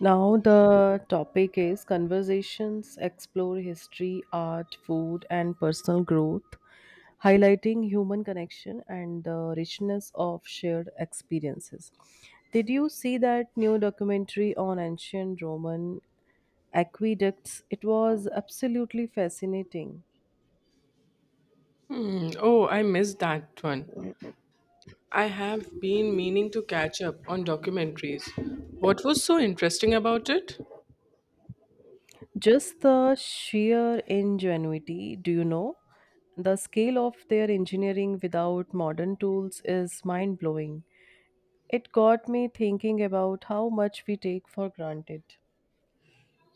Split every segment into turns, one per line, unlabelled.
Now, the topic is conversations explore history, art, food, and personal growth, highlighting human connection and the richness of shared experiences. Did you see that new documentary on ancient Roman aqueducts? It was absolutely fascinating.
Mm, oh, I missed that one. I have been meaning to catch up on documentaries. What was so interesting about it?
Just the sheer ingenuity, do you know? The scale of their engineering without modern tools is mind blowing. It got me thinking about how much we take for granted.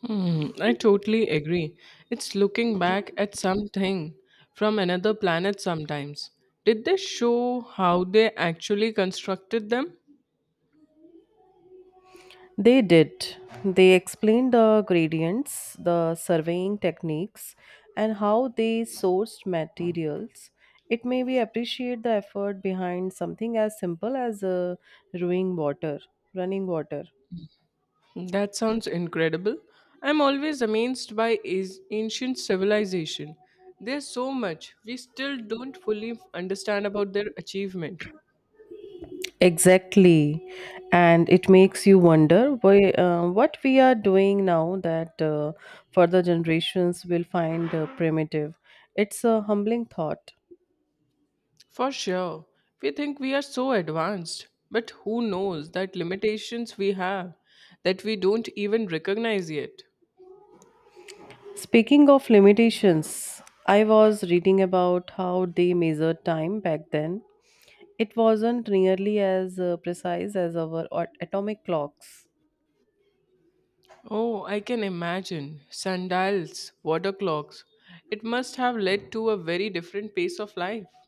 Hmm, I totally agree. It's looking back at something from another planet sometimes. Did they show how they actually constructed them?
They did. They explained the gradients, the surveying techniques, and how they sourced materials. It made me appreciate the effort behind something as simple as brewing water, running water.
That sounds incredible. I'm always amazed by is- ancient civilization. There's so much we still don't fully understand about their achievement.
Exactly. And it makes you wonder why, what we are doing now that further generations will find primitive. It's a humbling thought.
For sure, we think we are so advanced, but who knows that limitations we have that we don't even recognize yet.
Speaking of limitations, I was reading about how they measured time back then. It wasn't nearly as precise as our atomic clocks.
Oh, I can imagine. Sundials, water clocks. It must have led to a very different pace of life.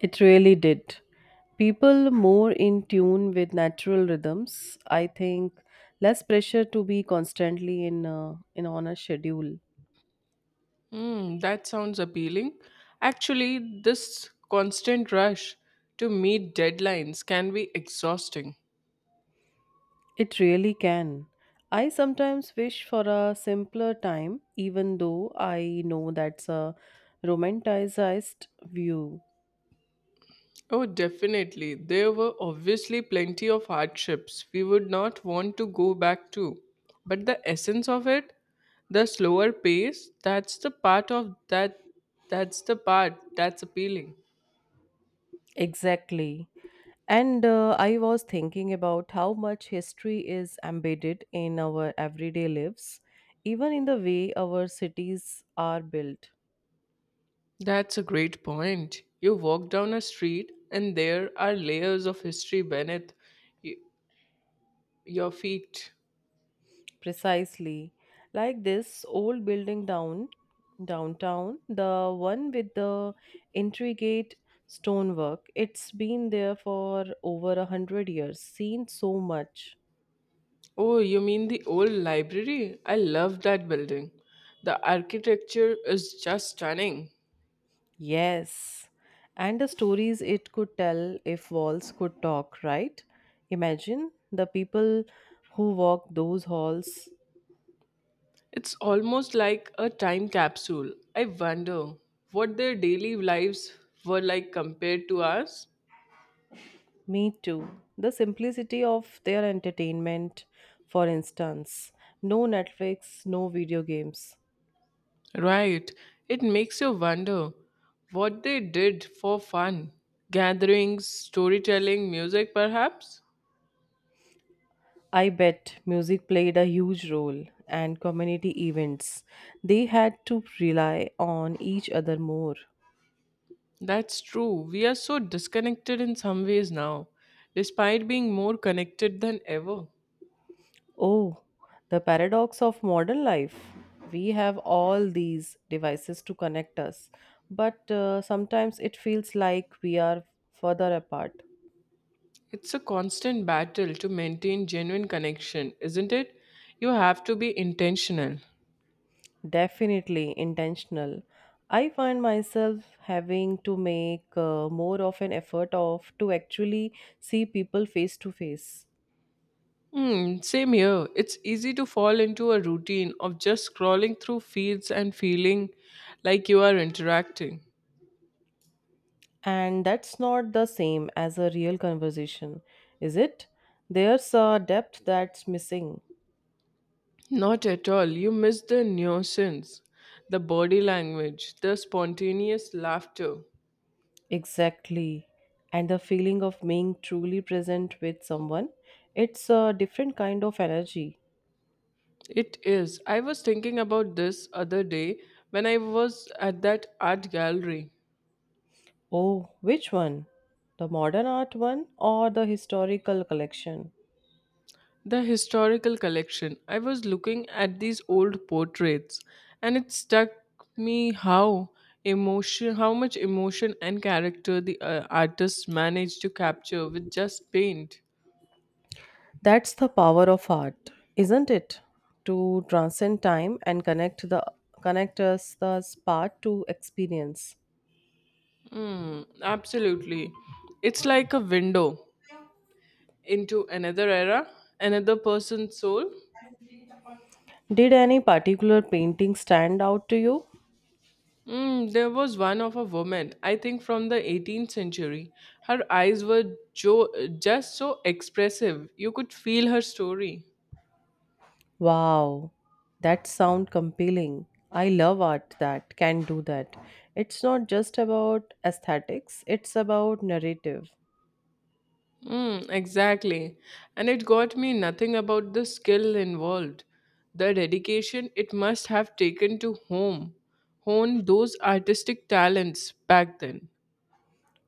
It really did. People more in tune with natural rhythms, I think, less pressure to be constantly in on a schedule.
Hmm, that sounds appealing. Actually, this constant rush to meet deadlines can be exhausting.
It really can. I sometimes wish for a simpler time, even though I know that's a romanticized view.
Oh, definitely. There were obviously plenty of hardships we would not want to go back to. But the essence of it, the slower pace, that's the part of that that's the part that's appealing.
Exactly. And I was thinking about how much history is embedded in our everyday lives, even in the way our cities are built.
That's a great point. You walk down a street and there are layers of history beneath y- your feet.
Precisely. Like this old building downtown, the one with the intricate stonework. It's been there for over a hundred years, seen so much.
Oh, you mean the old library? I love that building. The architecture is just stunning.
Yes. And the stories it could tell if walls could talk, right? Imagine the people who walk those halls.
It's almost like a time capsule. I wonder what their daily lives were like compared to ours.
Me too. The simplicity of their entertainment, for instance. No Netflix, no video games.
Right. It makes you wonder what they did for fun. Gatherings, storytelling, music, perhaps?
I bet music played a huge role and community events. They had to rely on each other more.
That's true. We are so disconnected in some ways now, despite being more connected than ever.
Oh, the paradox of modern life. We have all these devices to connect us, but sometimes it feels like we are further apart.
It's a constant battle to maintain genuine connection, isn't it? You have to be intentional.
Definitely intentional. I find myself having to make more of an effort of to actually see people face to face.
Hmm, same here. It's easy to fall into a routine of just scrolling through feeds and feeling like you are interacting.
And that's not the same as a real conversation, is it? There's a depth that's missing.
Not at all. You miss the nuisance, the body language, the spontaneous laughter.
Exactly. And the feeling of being truly present with someone, it's a different kind of energy.
It is. I was thinking about this other day when I was at that art gallery.
Oh, which one? The modern art one or the historical collection?
The historical collection. I was looking at these old portraits and it struck me how much emotion and character the artist managed to capture with just paint.
That's the power of art, isn't it? To transcend time and connect us the part to experience.
Mm, absolutely. It's like a window into another era, another person's soul.
Did any particular painting stand out to you?
Mm, there was one of a woman, I think from the 18th century. Her eyes were jo- just so expressive. You could feel her story.
Wow, that sound compelling. I love art that can do that. It's not just about aesthetics, it's about narrative.
Mm, exactly. And it got me nothing about the skill involved, the dedication it must have taken to hone those artistic talents back then.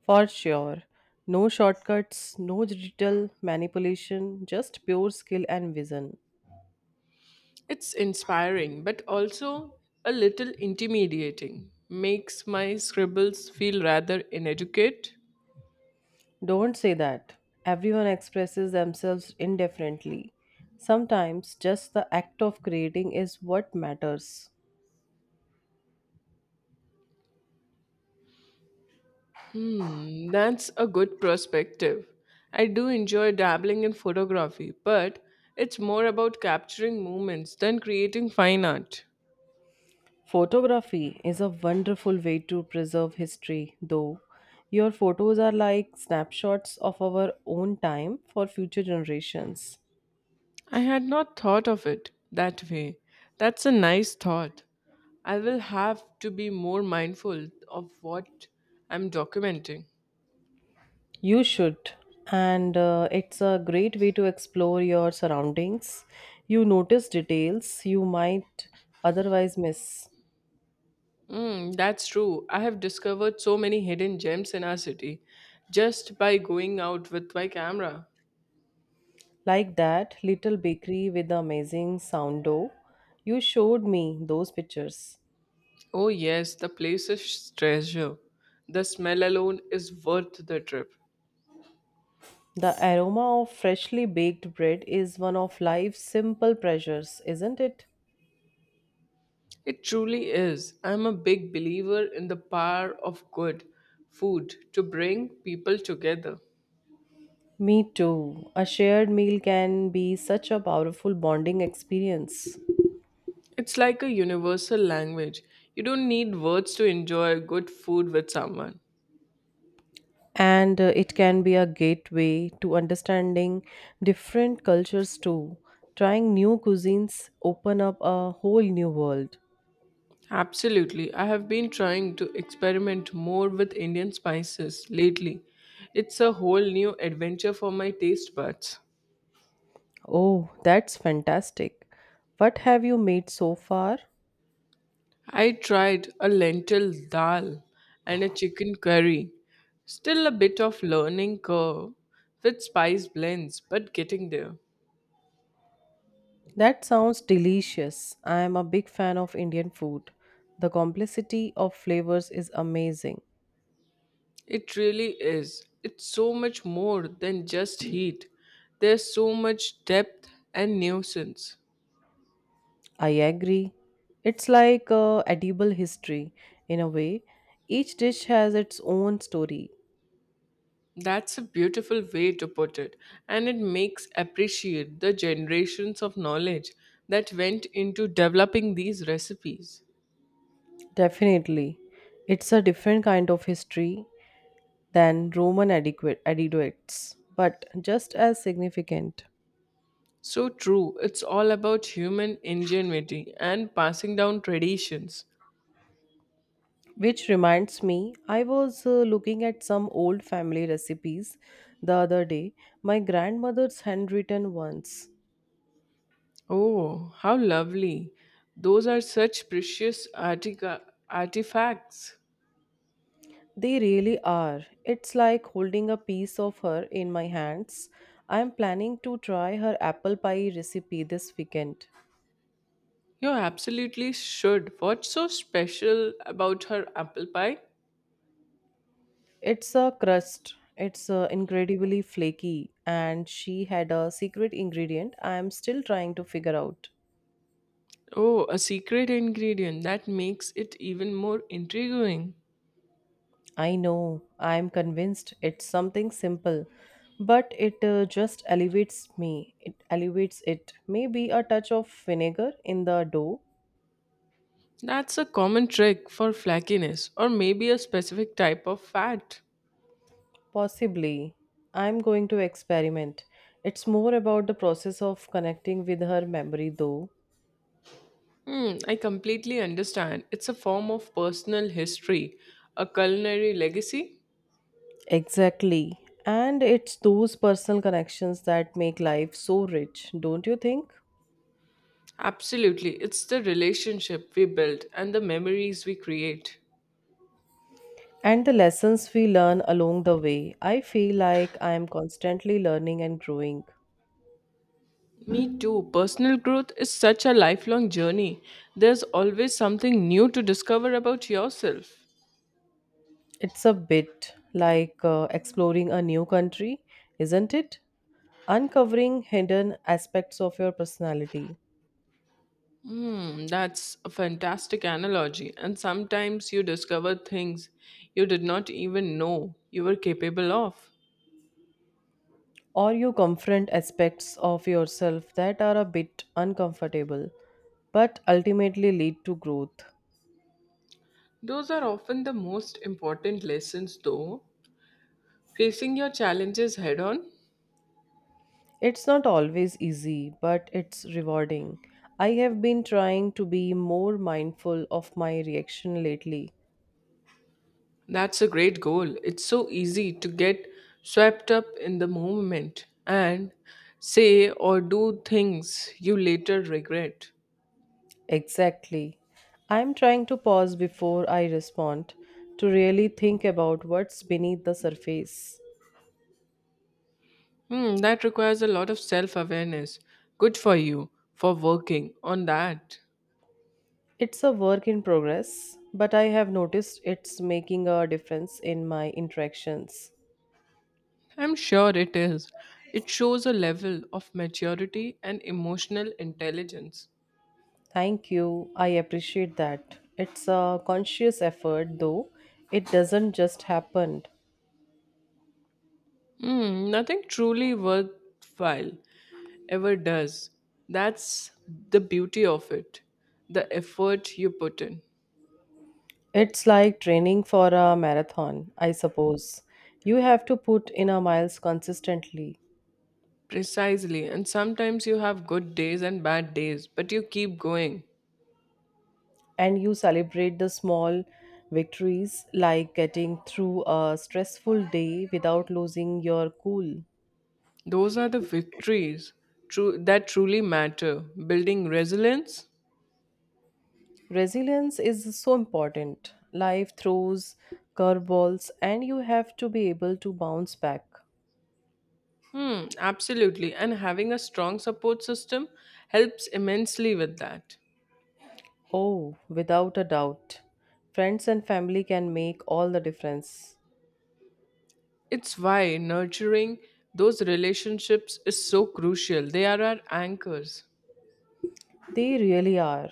For sure. No shortcuts, no digital manipulation, just pure skill and vision.
It's inspiring, but also a little intimidating. Makes my scribbles feel rather inadequate.
Don't say that. Everyone expresses themselves indifferently. Sometimes just the act of creating is what matters.
Hmm, that's a good perspective. I do enjoy dabbling in photography, but it's more about capturing moments than creating fine art.
Photography is a wonderful way to preserve history, though. Your photos are like snapshots of our own time for future generations.
I had not thought of it that way. That's a nice thought. I will have to be more mindful of what I'm documenting.
You should, and it's a great way to explore your surroundings. You notice details you might otherwise miss.
Mm, that's true. I have discovered so many hidden gems in our city just by going out with my camera.
Like that little bakery with the amazing sourdough. You showed me those pictures.
Oh, yes, the place is treasure. The smell alone is worth the trip.
The aroma of freshly baked bread is one of life's simple pleasures, isn't it?
It truly is. I'm a big believer in the power of good food to bring people together.
Me too. A shared meal can be such a powerful bonding experience.
It's like a universal language. You don't need words to enjoy good food with someone.
And it can be a gateway to understanding different cultures too. Trying new cuisines open up a whole new world.
Absolutely. I have been trying to experiment more with Indian spices lately. It's a whole new adventure for my taste buds.
Oh, that's fantastic. What have you made so far?
I tried a lentil dal and a chicken curry. Still a bit of learning curve with spice blends, but getting there.
That sounds delicious. I am a big fan of Indian food. The complexity of flavors is amazing.
It really is. It's so much more than just heat. There's so much depth and nuisance.
I agree. It's like a edible history in a way. Each dish has its own story.
That's a beautiful way to put it, and it makes appreciate the generations of knowledge that went into developing these recipes.
Definitely. It's a different kind of history than Roman adequates, but just as significant.
So true, it's all about human ingenuity and passing down traditions.
Which reminds me, I was looking at some old family recipes the other day, my grandmother's handwritten ones.
Oh, how lovely! Those are such precious artifacts.
They really are. It's like holding a piece of her in my hands. I'm planning to try her apple pie recipe this weekend.
You absolutely should. What's so special about her apple pie?
It's a crust. It's incredibly flaky and she had a secret ingredient I am still trying to figure out.
Oh, a secret ingredient that makes it even more intriguing.
I know, I am convinced it's something simple, but it just elevates it. Maybe a touch of vinegar in the dough?
That's a common trick for flakiness or maybe a specific type of fat.
Possibly. I'm going to experiment. It's more about the process of connecting with her memory, though.
Hmm, I completely understand. It's a form of personal history, a culinary legacy.
Exactly. And it's those personal connections that make life so rich, don't you think?
Absolutely, it's the relationship we build and the memories we create.
And the lessons we learn along the way. I feel like I am constantly learning and growing.
Me too. Personal growth is such a lifelong journey. There's always something new to discover about yourself.
It's a bit like exploring a new country, isn't it? Uncovering hidden aspects of your personality,
Hmm, that's a fantastic analogy. And sometimes you discover things you did not even know you were capable of.
or you confront aspects of yourself that are a bit uncomfortable but ultimately lead to growth.
Those are often the most important lessons, though. Facing your challenges head on.
It's not always easy, but it's rewarding. I have been trying to be more mindful of my reaction lately.
That's a great goal. It's so easy to get swept up in the moment and say or do things you later regret.
Exactly. I'm trying to pause before I respond to really think about what's beneath the surface.
Hmm, that requires a lot of self awareness. Good for you for working on that.
It's a work in progress, but I have noticed it's making a difference in my interactions.
I'm sure it is. It shows a level of maturity and emotional intelligence.
Thank you. I appreciate that. It's a conscious effort, though. It doesn't just happen.
Hmm, nothing truly worthwhile ever does. That's the beauty of it, the effort you put in.
It's like training for a marathon, I suppose. You have to put in a miles consistently.
Precisely. And sometimes you have good days and bad days, but you keep going.
And you celebrate the small victories like getting through a stressful day without losing your cool.
Those are the victories that truly matter. Building resilience?
Resilience is so important. Life throws curveballs and you have to be able to bounce back.
Hmm, absolutely. And having a strong support system helps immensely with that.
Oh, without a doubt. Friends and family can make all the difference.
It's why nurturing those relationships is so crucial. They are our anchors.
They really are.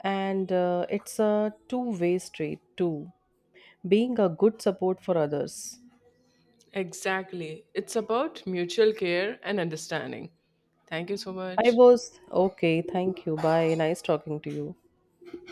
And it's a two-way street, too. Being a good support for others.
Exactly. It's about mutual care and understanding. Thank you so
I
much.
was okay, thank you. Bye. Nice talking to you.